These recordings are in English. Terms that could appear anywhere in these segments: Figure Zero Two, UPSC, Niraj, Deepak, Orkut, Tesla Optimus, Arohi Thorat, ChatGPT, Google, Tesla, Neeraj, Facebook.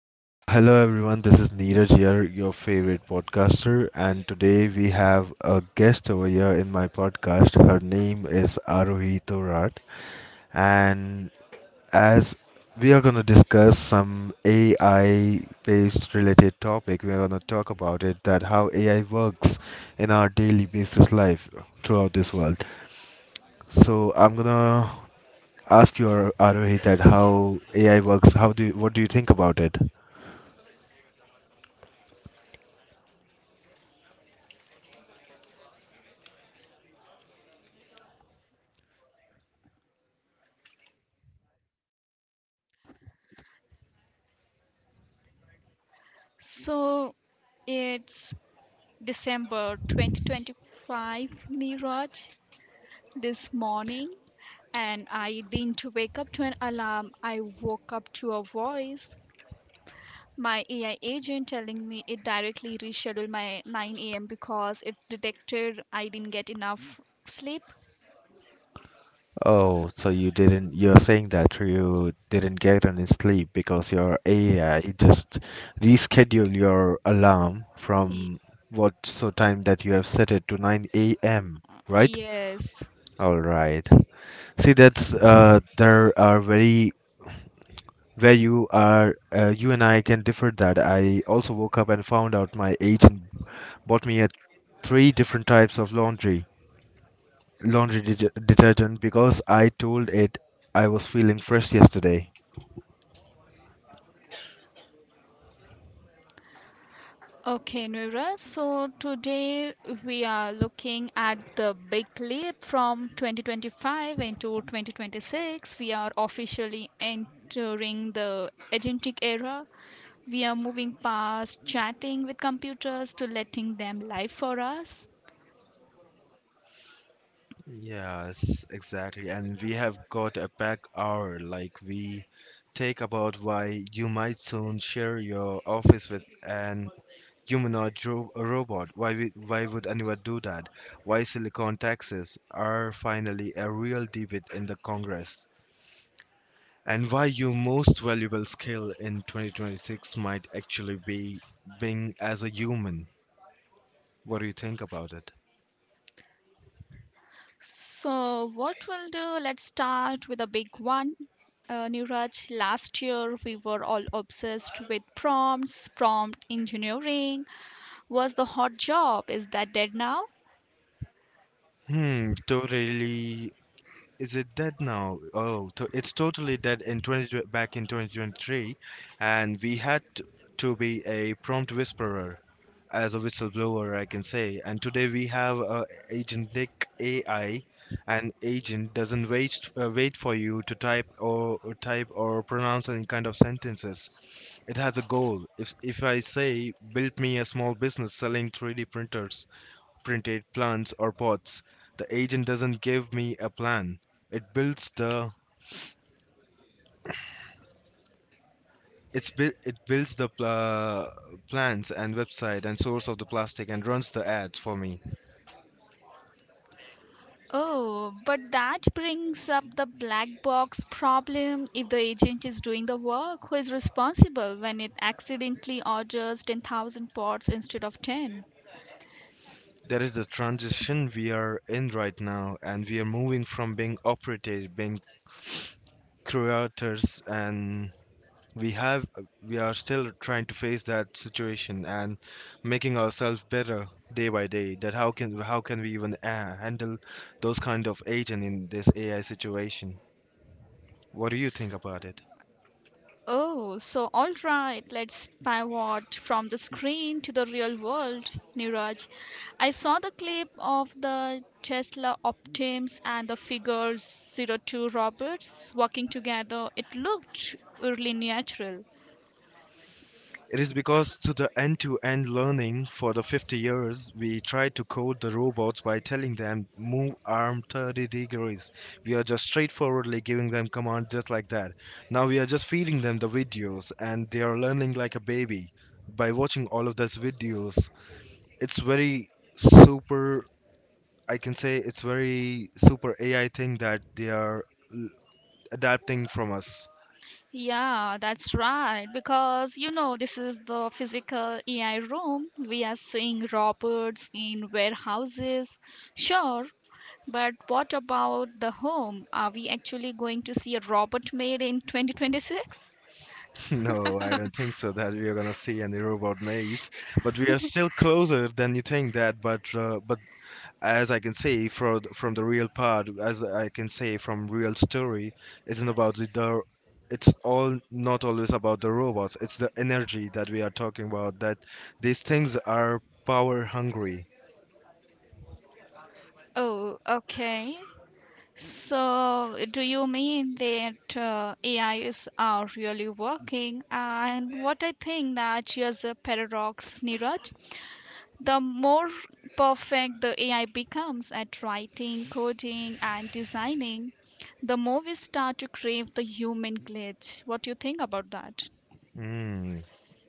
So, hello everyone, this is Neeraj here, your favorite podcaster, and today we have a guest over here in my podcast. Her name is Arohi Thorat, and as we are going to discuss some AI based related topic. We are going to talk about it that how AI works in our daily basis life throughout this world. So, I'm going to ask you Arohi that how AI works, how do you, what do you think about it? So it's December 2025, Niraj, this morning, and I didn't wake up to an alarm. I woke up to a voice. My AI agent telling me it directly rescheduled my 9 a.m. because it detected I didn't get enough sleep. Oh, so you didn't, you're saying that you didn't get any sleep because your AI just rescheduled your alarm Y- from what so time that you have set it to 9 a.m., right? yes. All right. See, that's there are very where you are, you and I can differ that. I also woke up and found out my agent bought me a three different types of laundry, laundry detergent because I told it I was feeling fresh yesterday. Okay, Noora. So today we are looking at the big leap from 2025 into 2026. We are officially entering the agentic era. We are moving past chatting with computers to letting them live for us. Yes, exactly. And we have got a pack hour. Like we take about why you might soon share your office with an robot. Why would anyone do that? Why silicon taxes are finally a real debate in the Congress. And why your most valuable skill in 2026 might actually be being as a human. What do you think about it? So, what we'll do, let's start with a big one. Niraj, last year we were all obsessed with prompts, prompt engineering, was the hot job. Is that dead now? Totally. Is it dead now? It's totally dead in 20, back in 2023, and we had to be a prompt whisperer as a whistleblower, I can say. And today we have agentic AI. An agent doesn't wait for you to type or type or pronounce any kind of sentences. It has a goal. If I say, build me a small business selling 3D printers, printed plans or pots. The agent doesn't give me a plan. It builds the it builds the plans and website and source of the plastic and runs the ads for me. Oh, but that brings up the black box problem. If the agent is doing the work, who is responsible when it accidentally orders 10,000 pots instead of 10? There is the transition we are in right now, and we are moving from being operators, being creators, and we are still trying to face that situation and making ourselves better day by day that how can we even handle those kind of agent in this AI situation. What do you think about it? Oh, so all right, let's pivot from the screen to the real world, Niraj. I saw the clip of the Tesla Optims and the figure 02 Roberts working together. It looked really natural. It is because to the end-to-end learning for the 50 years, we tried to code the robots by telling them move arm 30 degrees. We are just straightforwardly giving them command just like that. Now we are just feeding them the videos and they are learning like a baby by watching all of those videos. It's very super I can say it's very super AI thing that they are l- adapting from us. Yeah, that's right. Because, you know, this is the physical AI room. We are seeing robots in warehouses. Sure, but what about the home? Are we actually going to see a robot made in 2026? No, I don't think so that we are gonna see any robot maids, but we are still closer than you think that. But as I can say from the real part, as I can say from real story, isn't about the it's all not always about the robots. It's the energy that we are talking about. That these things are power hungry. Oh, okay. So, do you mean that A is are really working? And what I think that here's a paradox, Niraj, the more perfect the AI becomes at writing, coding, and designing, the more we start to crave the human glitch. What do you think about that? Mm,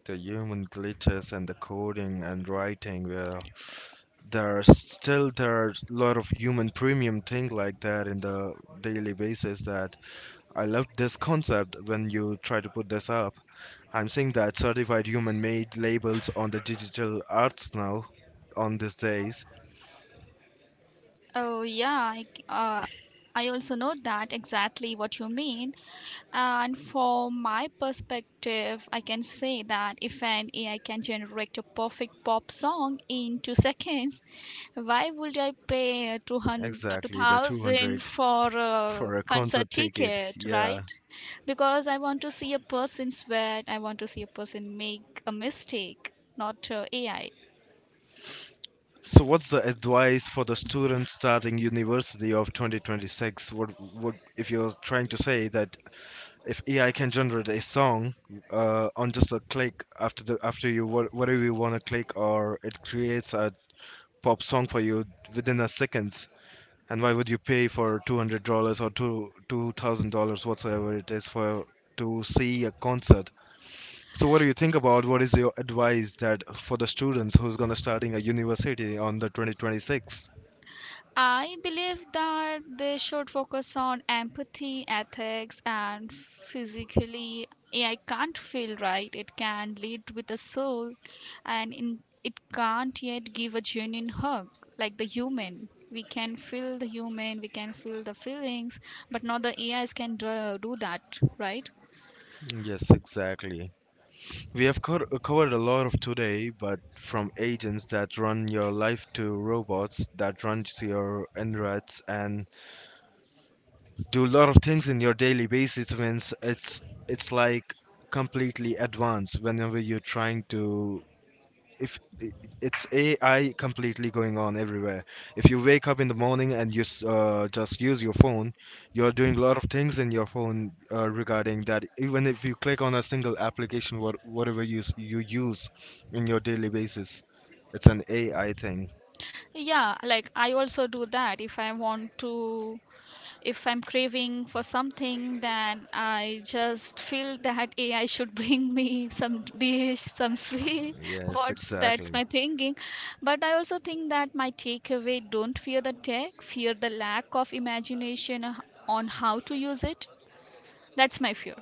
the human glitches and the coding and writing were there's still there's a lot of human premium thing like that in the daily basis that I love this concept when you try to put this up. I'm seeing that certified human made labels on the digital arts now on these days. Oh, yeah, I also know that exactly what you mean. And from my perspective, I can say that if an AI can generate a perfect pop song in 2 seconds, why would I pay two hundred two Exactly, the thousand 200 for a for a concert concert ticket, ticket, yeah. right? Because I want to see a person sweat, I want to see a person make a mistake, not AI. So what's the advice for the students starting university of 2026? What if you're trying to say that if AI can generate a song on just a click after the after whatever you want to click, or it creates a pop song for you within a seconds. And why would you pay for $200 or two thousand dollars whatsoever it is for to see a concert? So what do you think about, what is your advice that for the students who's gonna starting a university on the 2026? I believe that they should focus on empathy, ethics, and physically. AI can't feel right, it can lead with the soul, and in, it can't yet give a genuine hug like the human. We can feel the human, we can feel the feelings, but not the AIs can do that, right? Yes, exactly. We have covered a lot of today, but from agents that run your life to robots that run to your insides and do a lot of things in your daily basis means it's like completely advanced whenever you're trying to if I- it's AI completely going on everywhere. If you wake up in the morning and just use your phone, you're doing a lot of things in your phone regarding that. Even if you click on a single application, whatever you use in your daily basis, it's an AI thing. Yeah, like I also do that if I'm craving for something, then I just feel that AI should bring me some dish, some sweet. Yes, What's that's exactly. my thinking. But I also think that my takeaway, don't fear the tech, fear the lack of imagination on how to use it. That's my fear.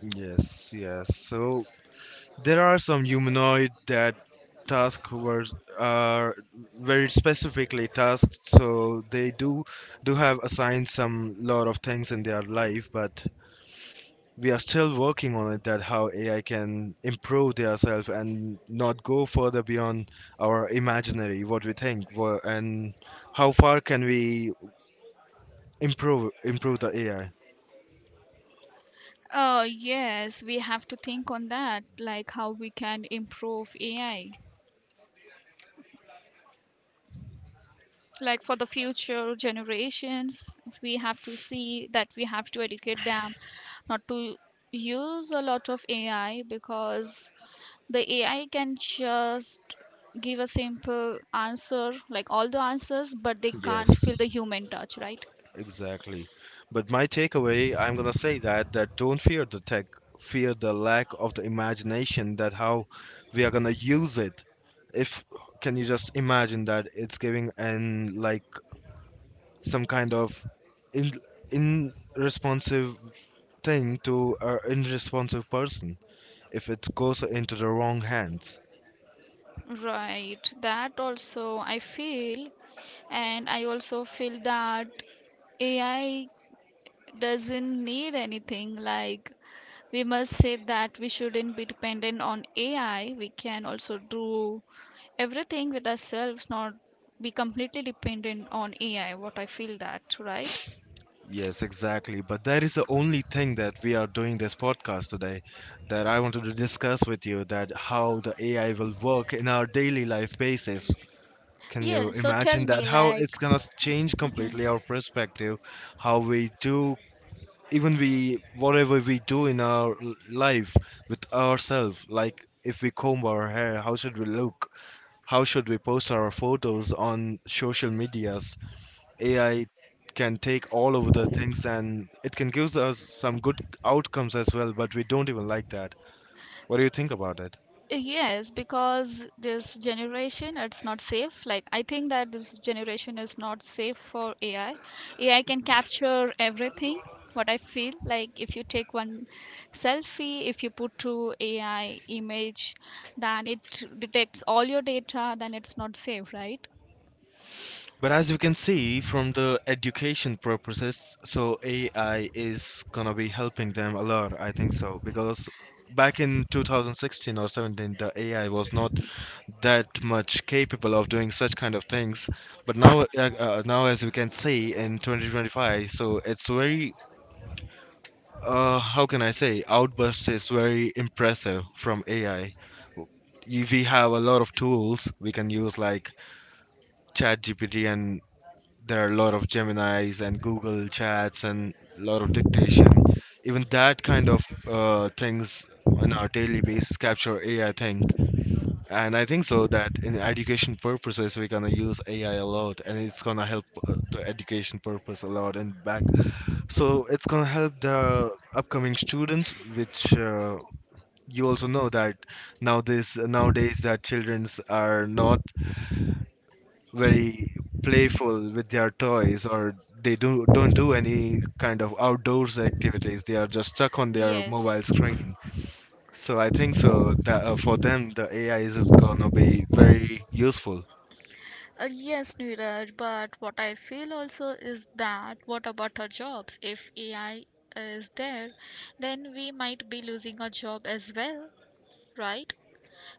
Yes, yes. So there are some humanoid that task were are very specifically tasked, so they do have assigned some lot of things in their life, but we are still working on it that how AI can improve themselves and not go further beyond our imaginary what we think and how far can we improve the AI. Yes, we have to think on that, like how we can improve AI, like for the future generations. We have to see that we have to educate them not to use a lot of AI, because the AI can just give a simple answer, like all the answers, but they can't feel the Yes. human touch, right? Exactly. But my takeaway, I'm gonna say that don't fear the tech, fear the lack of the imagination that how we are gonna use it. If can you just imagine that it's giving an like some kind of in in responsive thing to an irresponsive person if it goes into the wrong hands. Right, that also I feel, and I also feel that AI doesn't need anything. Like, we must say that we shouldn't be dependent on AI. We can also do everything with ourselves, not be completely dependent on AI. What I feel that, right? Yes, exactly. But that is the only thing that we are doing this podcast today, that I wanted to discuss with you that how the AI will work in our daily life basis. Can Yeah, you so imagine tell that me, how it's like. gonna change Mhm. completely our perspective, how we do even we whatever we do in our life with ourselves, like if we comb our hair, how should we look? How should we post our photos on social medias? AI can take all over the things and it can give us some good outcomes as well, but we don't even like that. What do you think about it? Yes, because this generation, it's not safe. Like, I think that this generation is not safe for AI. AI can capture everything, what I feel. Like, if you take one selfie, if you put to AI image, then it detects all your data, then it's not safe, right? But as you can see from the education purposes, so AI is gonna be helping them a lot, I think so, because back in 2016 or 17 the AI was not that much capable of doing such kind of things, but now now as we can see in 2025, so it's very how can I say, outburst is very impressive from AI. We have a lot of tools we can use, like ChatGPT, and there are a lot of Gemini's and Google Chats and a lot of dictation. Even that kind of things on our daily basis capture AI, think. And I think so that in education purposes, we're gonna use AI a lot, and it's gonna help the education purpose a lot and back, so it's gonna help the upcoming students, which you also know that nowadays that childrens are not very playful with their toys, or they do don't do any kind of outdoors activities. They are just stuck on their mobile Yes, screen, so I think so that for them the AI is just gonna be very useful. yes, Neeraj, but what I feel also is that what about our jobs? If AI is there, then we might be losing our job as well. Right?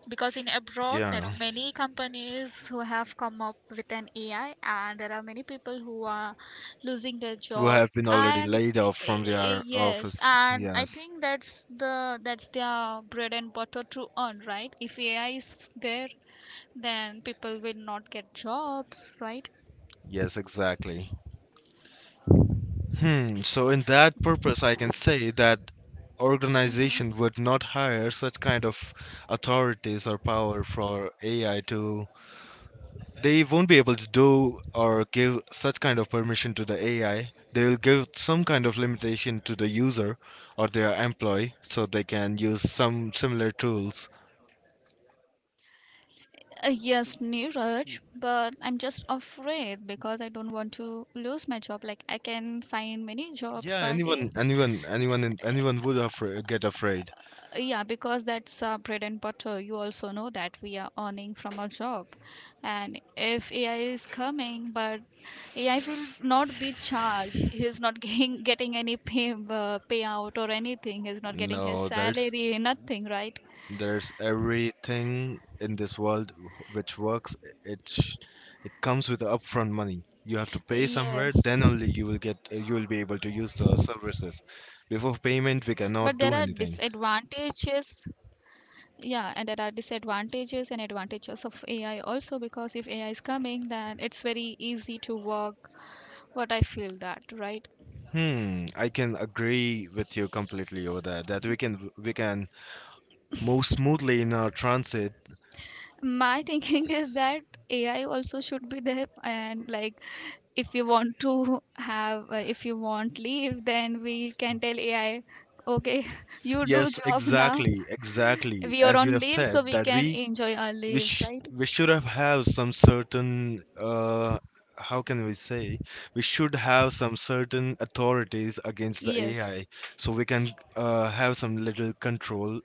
Because in abroad, there Yeah, are many companies who have come up with an AI, and there are many people who are losing their who job. have been already And laid off from their yes, office, and I yes. think that's their bread and butter to earn, right? If AI is there, then people will not get jobs, right? Yes, exactly. So in that purpose, I can say that Mm-hmm. organization would not hire such kind of authorities or power for AI to. They won't be able to do or give such kind of permission to the AI. They will give some kind of limitation to the user or their employee so they can use some similar tools. Yes, Neeraj, but I'm just afraid because I don't want to lose my job. Like I can find many jobs, Yeah, but if, anyone, anyone would get afraid. yeah, because that's bread and butter. You also know that we are earning from our job, and if AI is coming, but AI will not be charged, he's not getting any payout or anything. He's not getting his No, there's salary, nothing, right? There's everything in this world which works. It it comes with upfront money. You have to pay somewhere, Yes, then only you will get you will be able to use the services. but Before there are payment, we cannot do anything. disadvantages, yeah, and there are disadvantages and advantages of AI also, because if AI is coming, then it's very easy to work, what I feel that, right? I can agree with you completely over there that we can move smoothly in our transit. My thinking is that AI also should be there, and like, if you want to have if you want leave, then we can tell AI, okay, you do Yes, job now, exactly. we are As you on have leave, so said, we that can we enjoy our we leaves, sh- right? we should have some certain uh how can we say, we should have some certain authorities against the Yes, AI, so we can have some little control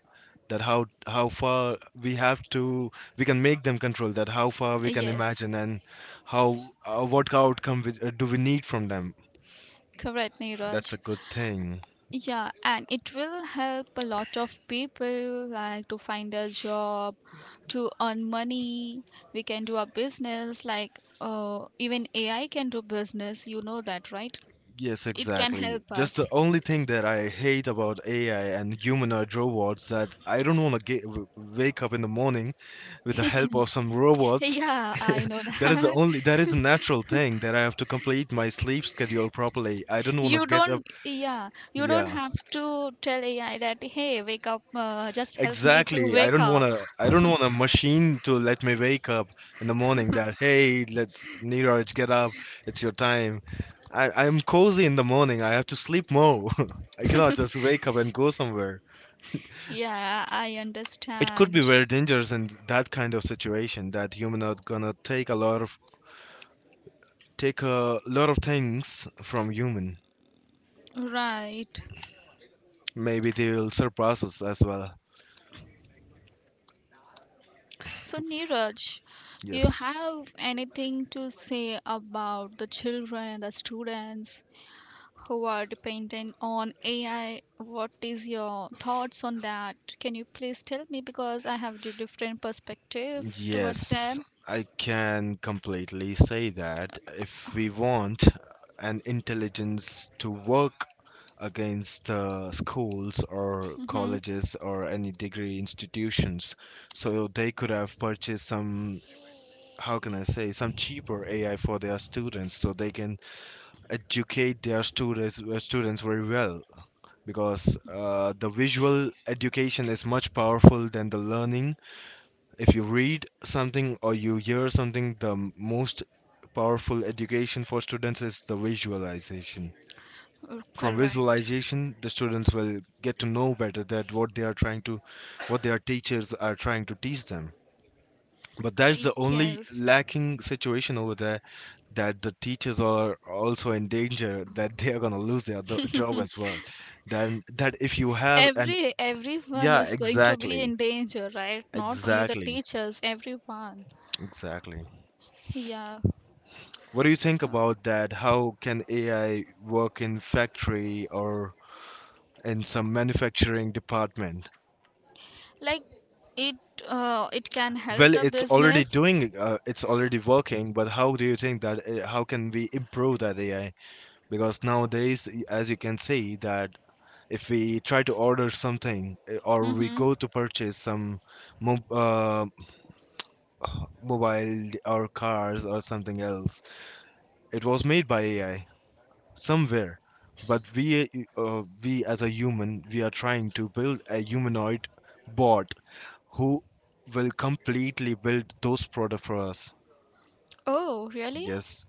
that how far we have to we can make them control that how far we can yes. imagine and how what outcome do we need from them. Correct, That's a Neeraj. good thing. Yeah, and it will help a lot of people, like to find a job, to earn money. We can do a business like even AI can do business. You know that, right? Yes, It can exactly. help Just the us. only thing that I hate about AI and humanoid robots that I don't want to get wake up in the morning with the help of some robots. Yeah, I know That is the that. only, that is a natural thing that I have to complete my sleep schedule properly. I don't want to You get up. don't, yeah, you don't Yeah. have to tell AI that, hey, wake up, just help me to Exactly. Wake up. I don't want a machine to let me wake up in the morning that hey, let's Neeraj get up. It's your time. I I'm cozy in the morning. I have to sleep more. I cannot just wake up and go somewhere. Yeah, I It could be understand. very dangerous in that kind of situation that human are gonna take a lot of take a lot of things from human. Right. Maybe they will surpass us as well. So, Neeraj, you Yes. have anything to say about the children, the students who are dependent on AI? What is your thoughts on that? Can you please tell me, because I have a different perspective towards Yes, them. I can completely say that if we want an intelligence to work against schools or Hmm. colleges or any degree institutions, so they could have purchased some, how can I say, some cheaper AI for their students so they can educate their students very well because the visual education is much powerful than the learning if you read something or you hear something, the most powerful education for students is the visualization. From Correct. visualization, the students will get to know better that what they are trying what their teachers are trying to teach them. But that's the only Yes. lacking situation over there that the teachers are also in danger that they are going to lose their job as well. Then that if you have an, Everyone yeah, is going to be exactly, in danger, right? Not only the exactly, teachers, everyone. exactly. Yeah. What do you think about that? How can AI work in factory or in some manufacturing department? Like it it can help Well, the it's already business. doing, it's already working, but how do you think that, how can we improve that AI? Because nowadays, as you can see, that if we try to order something or we Mm-hmm. go to purchase some mob uh, mobile or cars or something else, it was made by AI somewhere. But we as a human, we are trying to build a humanoid bot who will completely build those products for us. Oh, really? Yes,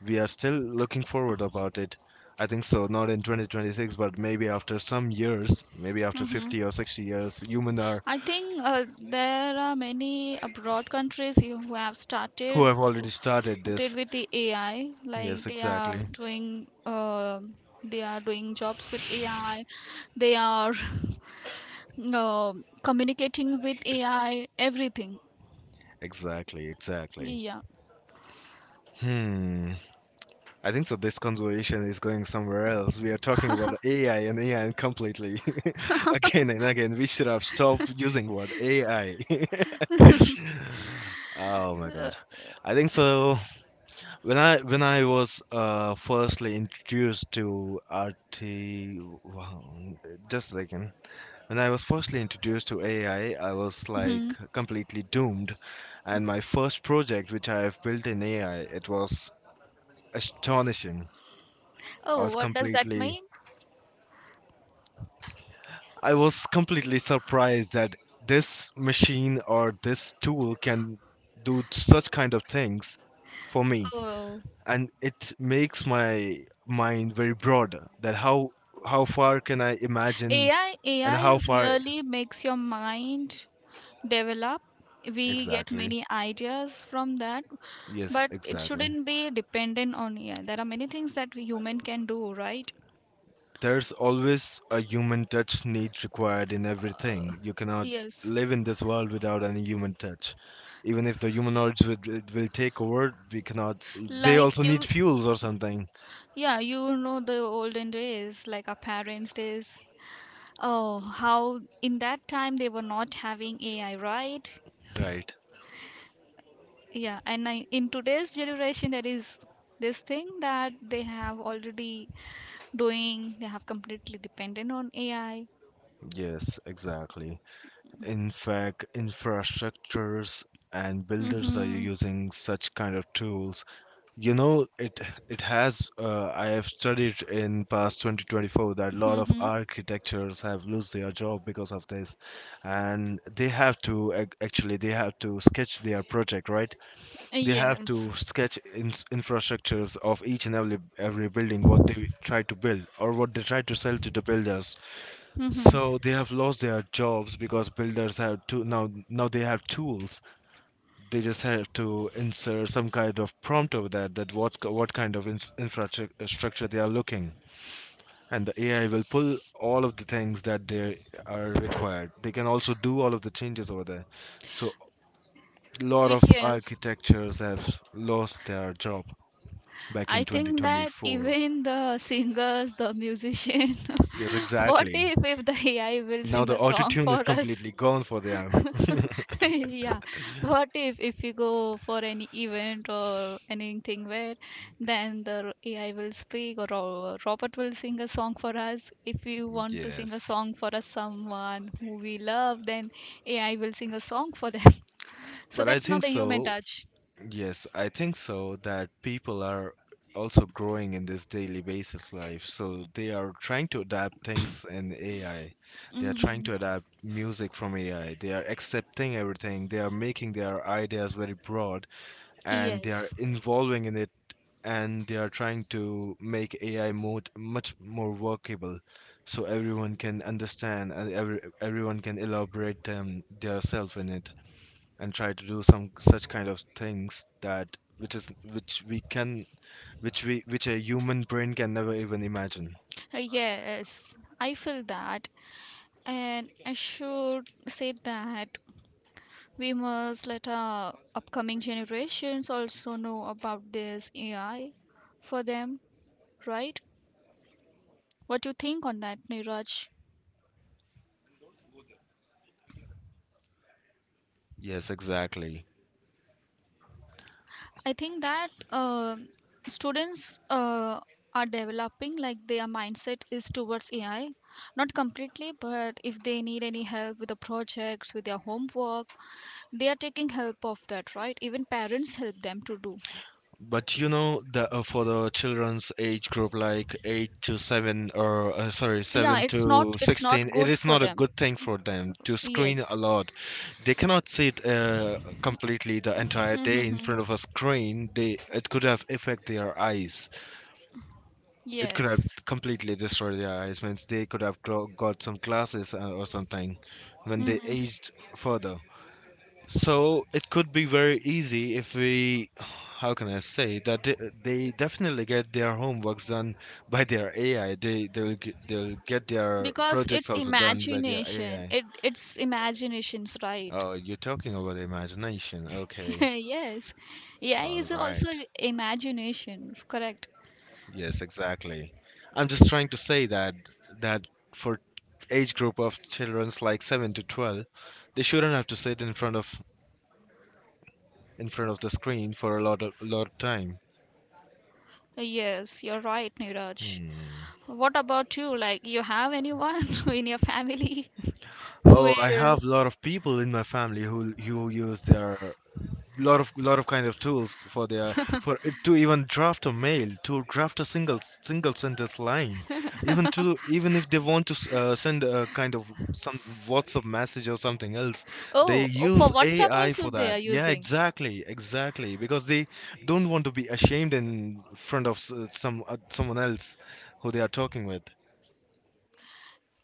we are still looking forward about it. I think so, not in 2026, but maybe after some years, maybe after Mm-hmm. 50 or 60 years, human are I think there are many abroad countries who have who started have already started started this. with the AI. Like Yes, they are exactly. doing, uh, they are doing jobs with AI. They are uh, communicating with AI. Everything. Exactly, exactly. Yeah. Hmm. I think so. This conversation is going somewhere else. We are talking about AI and AI and completely again and again. We should have stopped using word AI. Oh my Uh, god, I think so. When I was firstly introduced to RT, wow, just a second. When I was firstly introduced to AI, I was mhm. like completely doomed, and my first project which I have built in AI, it was astonishing. I Oh, was what does that completely mean? I was completely surprised that this machine or this tool can do such kind of things for me, Oh, and it makes my mind very broad that how far can I imagine AI and how AI far, really makes your mind develop. We get exactly, many ideas from that, yes, but it exactly. shouldn't be dependent on AI. There are many things that we human can do, right? There's always a human touch need required in uh, everything. You cannot yes. live in this world without any human touch. Even if the humanoids will, it will take over, we cannot. They also Like need you, fuels or something. yeah, you know the olden days, like our parents' days. Oh, how in that time they were not having AI, right? Right. Yeah, and I, in today's generation, there is this thing that they have already doing, they have completely dependent on AI. Yes, exactly. In fact, infrastructures and builders are Mm-hmm. using such kind of tools. You know, it has. I have studied in past 2024 that a lot of Mm-hmm. architectures have lost their job because of this, and they have to actually they have to sketch their project, right? They have to Yes. sketch in, infrastructures of each and every building what they try to build or what they try to sell to the builders. Mm-hmm. So they have lost their jobs because builders have to now they have tools. They just have to insert some kind of prompt over that that what kind of infrastructure they are looking, and the AI will pull all of the things that they are required. They can also do all of the changes over there. So a lot of Yes. architectures have lost their job back in I think that 2024. even the singers, the musician, Yes, what exactly. if the AI will Now sing the a auto song tune is for us? completely gone for them. Yeah. What if we go for any event or anything, where then the AI will speak or, Robert will sing a song for us. If we want to sing a Yes, song for us someone who we love, then AI will sing a song for them. So but I that's not think a human so. touch. Yes, I think so that people are also growing in this daily basis life. So they are trying to adapt things in AI. They are trying Mm-hmm. to adapt music from AI. They are accepting everything. They are making their ideas very broad and they are Yes. involving in it and they are trying to make AI mode much more workable so everyone can understand and everyone can elaborate their self in it and try to do some such kind of things that which is which we can which we which a human brain can never even imagine. Yes, I feel that, and I should say that we must let our upcoming generations also know about this AI for them, right? What do you think on that, Niraj? Yes, exactly. I think that students are developing, like their mindset is towards AI, not completely, but if they need any help with the projects, with their homework, they are taking help of that, right? Even parents help them to do. But you know, the for the children's age group like 8 to 7, or sorry, Yeah, 7 it's not to it's 16, not it good is for not a them. good thing for them to screen a Yes. lot. They cannot sit completely the entire day in front of a screen. They, it could have affect their eyes. It could have Yes. completely destroyed their eyes. Means they could have got some glasses or something when they Hmm. aged further. So it could be very easy if we, how can I say that they definitely get their homeworks done by their AI. They'll get their Because projects it's also done by their imagination, AI. it's imaginations, right? Oh, you're talking about imagination. Okay, Yes. AI all is also right. imagination, correct. Yes, exactly. I'm just trying to say that that for age group of childrens like 7 to 12, they shouldn't have to sit in front of the screen for a lot of time. Yes, you're right, Niraj. Hmm. What about you, like, you have anyone in your family who Oh, I is? have a lot of people in my family who use their lot of kind of tools for their for it to even draft a mail, to draft a single sentence line, even if they want to send a kind of some whatsapp message or something else. They Oh, for use WhatsApp AI also for they are that, yeah, using. exactly, exactly, because they don't want to be ashamed in front of someone else who they are talking with.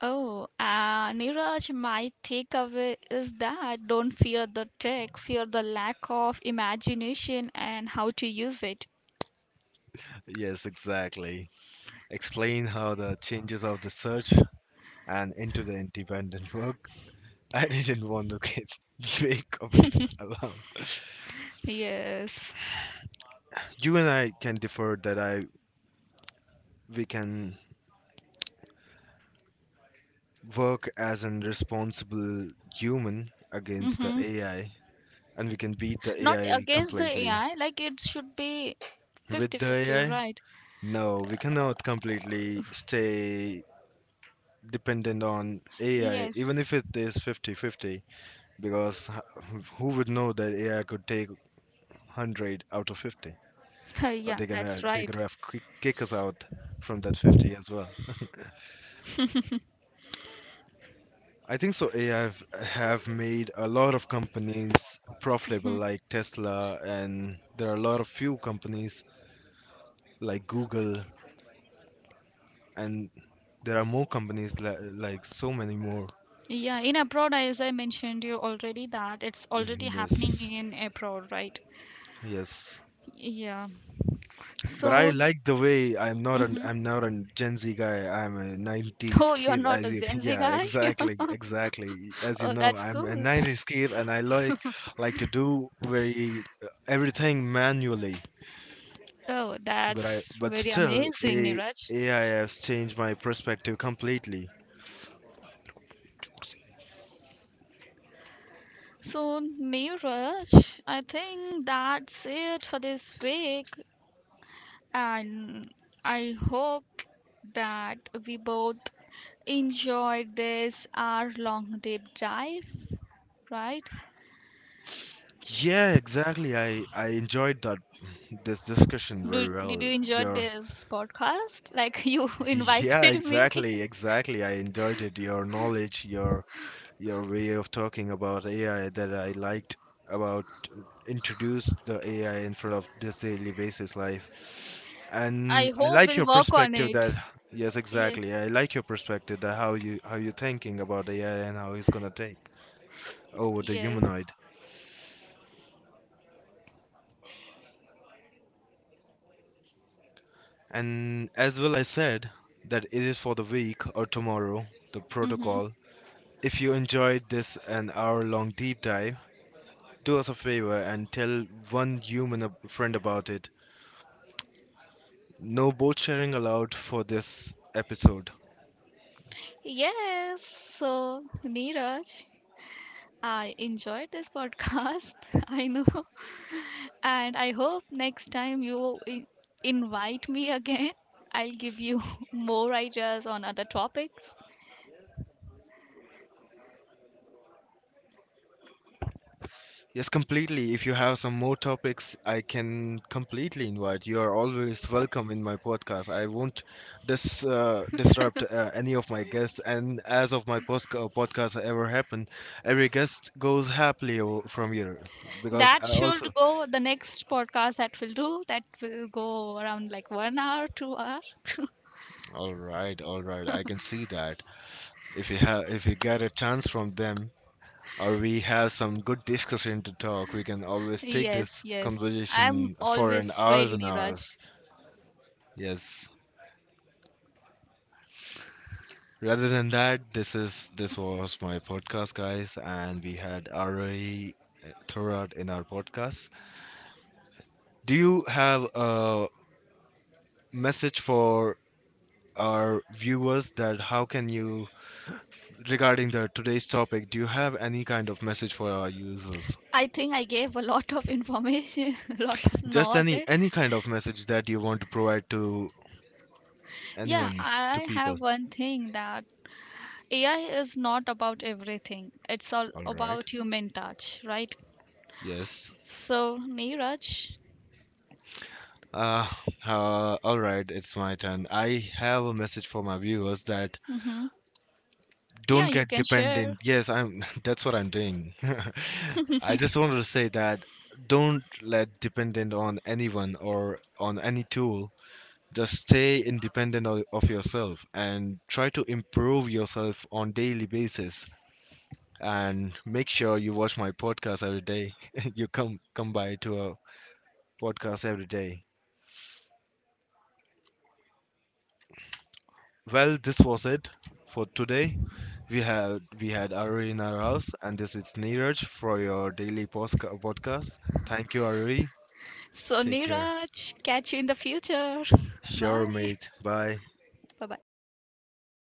Oh, Neeraj, my takeaway is that don't fear the tech, fear the lack of imagination and how to use it. Yes, exactly. Explain how the changes of the search and into the independent work. I didn't want to get wake up into the alarm. Yes. You and I can differ that I we can work as an responsible human against the Mm-hmm. AI, and we can beat the Not AI against the completely. AI, like it should be With the 50-50, AI, right? no, we cannot completely stay dependent on AI Yes. even if it is 50-50, because who would know that AI could take 100 out of 50, or Yeah, they can that's they right. could have kick us out from that 50 as well. I think so. AI have made a lot of companies profitable, like Tesla, and there are a lot of few companies like Google, and there are more companies like so many more. Yeah, in abroad, as I mentioned you already, that it's already Mhm. happening Yes, in abroad, right? yes. Yeah. But I So. like the way, Hmm. I'm not a Gen Z guy. I'm a 90s Oh, you're kid. not a As you, Gen Z yeah, guy? exactly, exactly. As you Oh, know, that's I'm a cool. 90s kid, and I like to do very everything manually. Oh, But that's very still, amazing, a Neeraj. AI has changed my perspective completely. So, Neeraj, I think that's it for this week, and I hope that we both enjoyed this hour-long deep dive, right? Yeah, exactly. I enjoyed that this discussion Do, very did well. you enjoy Your this podcast? Like you yeah, invited me. exactly, exactly. I enjoyed it. Your knowledge, your way of talking about AI that I liked about introduce the AI in front of this daily basis life. I And I hope like we'll your work on perspective it. that yes, Yeah, exactly. I like your perspective that how you thinking about AI and how it's gonna take. Oh, the yeah. humanoid. And as well, I said that it is for the week or tomorrow, the Mm-hmm. protocol. If you enjoyed this an hour long deep dive, do us a favor and tell one human friend about it. No boat sharing allowed for this episode. Yes. So, Neeraj, I enjoyed this podcast. I know. And I hope next time you invite me again, I'll give you more ideas on other topics. Yes, completely. If you have some more topics, I can completely invite. You are always welcome in my podcast. I won't disrupt any of my guests. And as of my post podcast ever happened, every guest goes happily from here, because That I also. should go the next podcast that we will do. That will go around like 1 hour, 2 hour. All right, all right. I can see that. If you have, if you get a chance from them, or we have some good discussion to talk, we can always take Yes, this yes. I'm conversation for an always hours ready, and hours. Niraj. Yes. Rather than that, this was my podcast, guys, and we had Arai Thorat in our podcast. Do you have a message for our viewers that how can you regarding the today's topic? Do you have any kind of message for our users? I think I gave a lot of information, a lot of Just any knowledge. any kind of message that you want to provide to Yeah, anyone, to I people. have one thing that AI is not about everything. It's all All right. about human touch, right? Yes. So, Neeraj. Uh, all right, it's my turn. I have a message for my viewers that hmm yeah, don't you get can share. dependent, yes, I'm that's what I'm doing. I just wanted to say that don't let dependent on anyone or on any tool. Just stay independent of yourself and try to improve yourself on daily basis, and make sure you watch my podcast every day. You come by to a podcast every day. Well, this was it for today. We had Aruri in our house, and this is Neeraj for your daily podcast. Thank you, Aruri. So, Take care. Neeraj, catch you in the future. Sure, Bye. mate. Bye. Bye bye.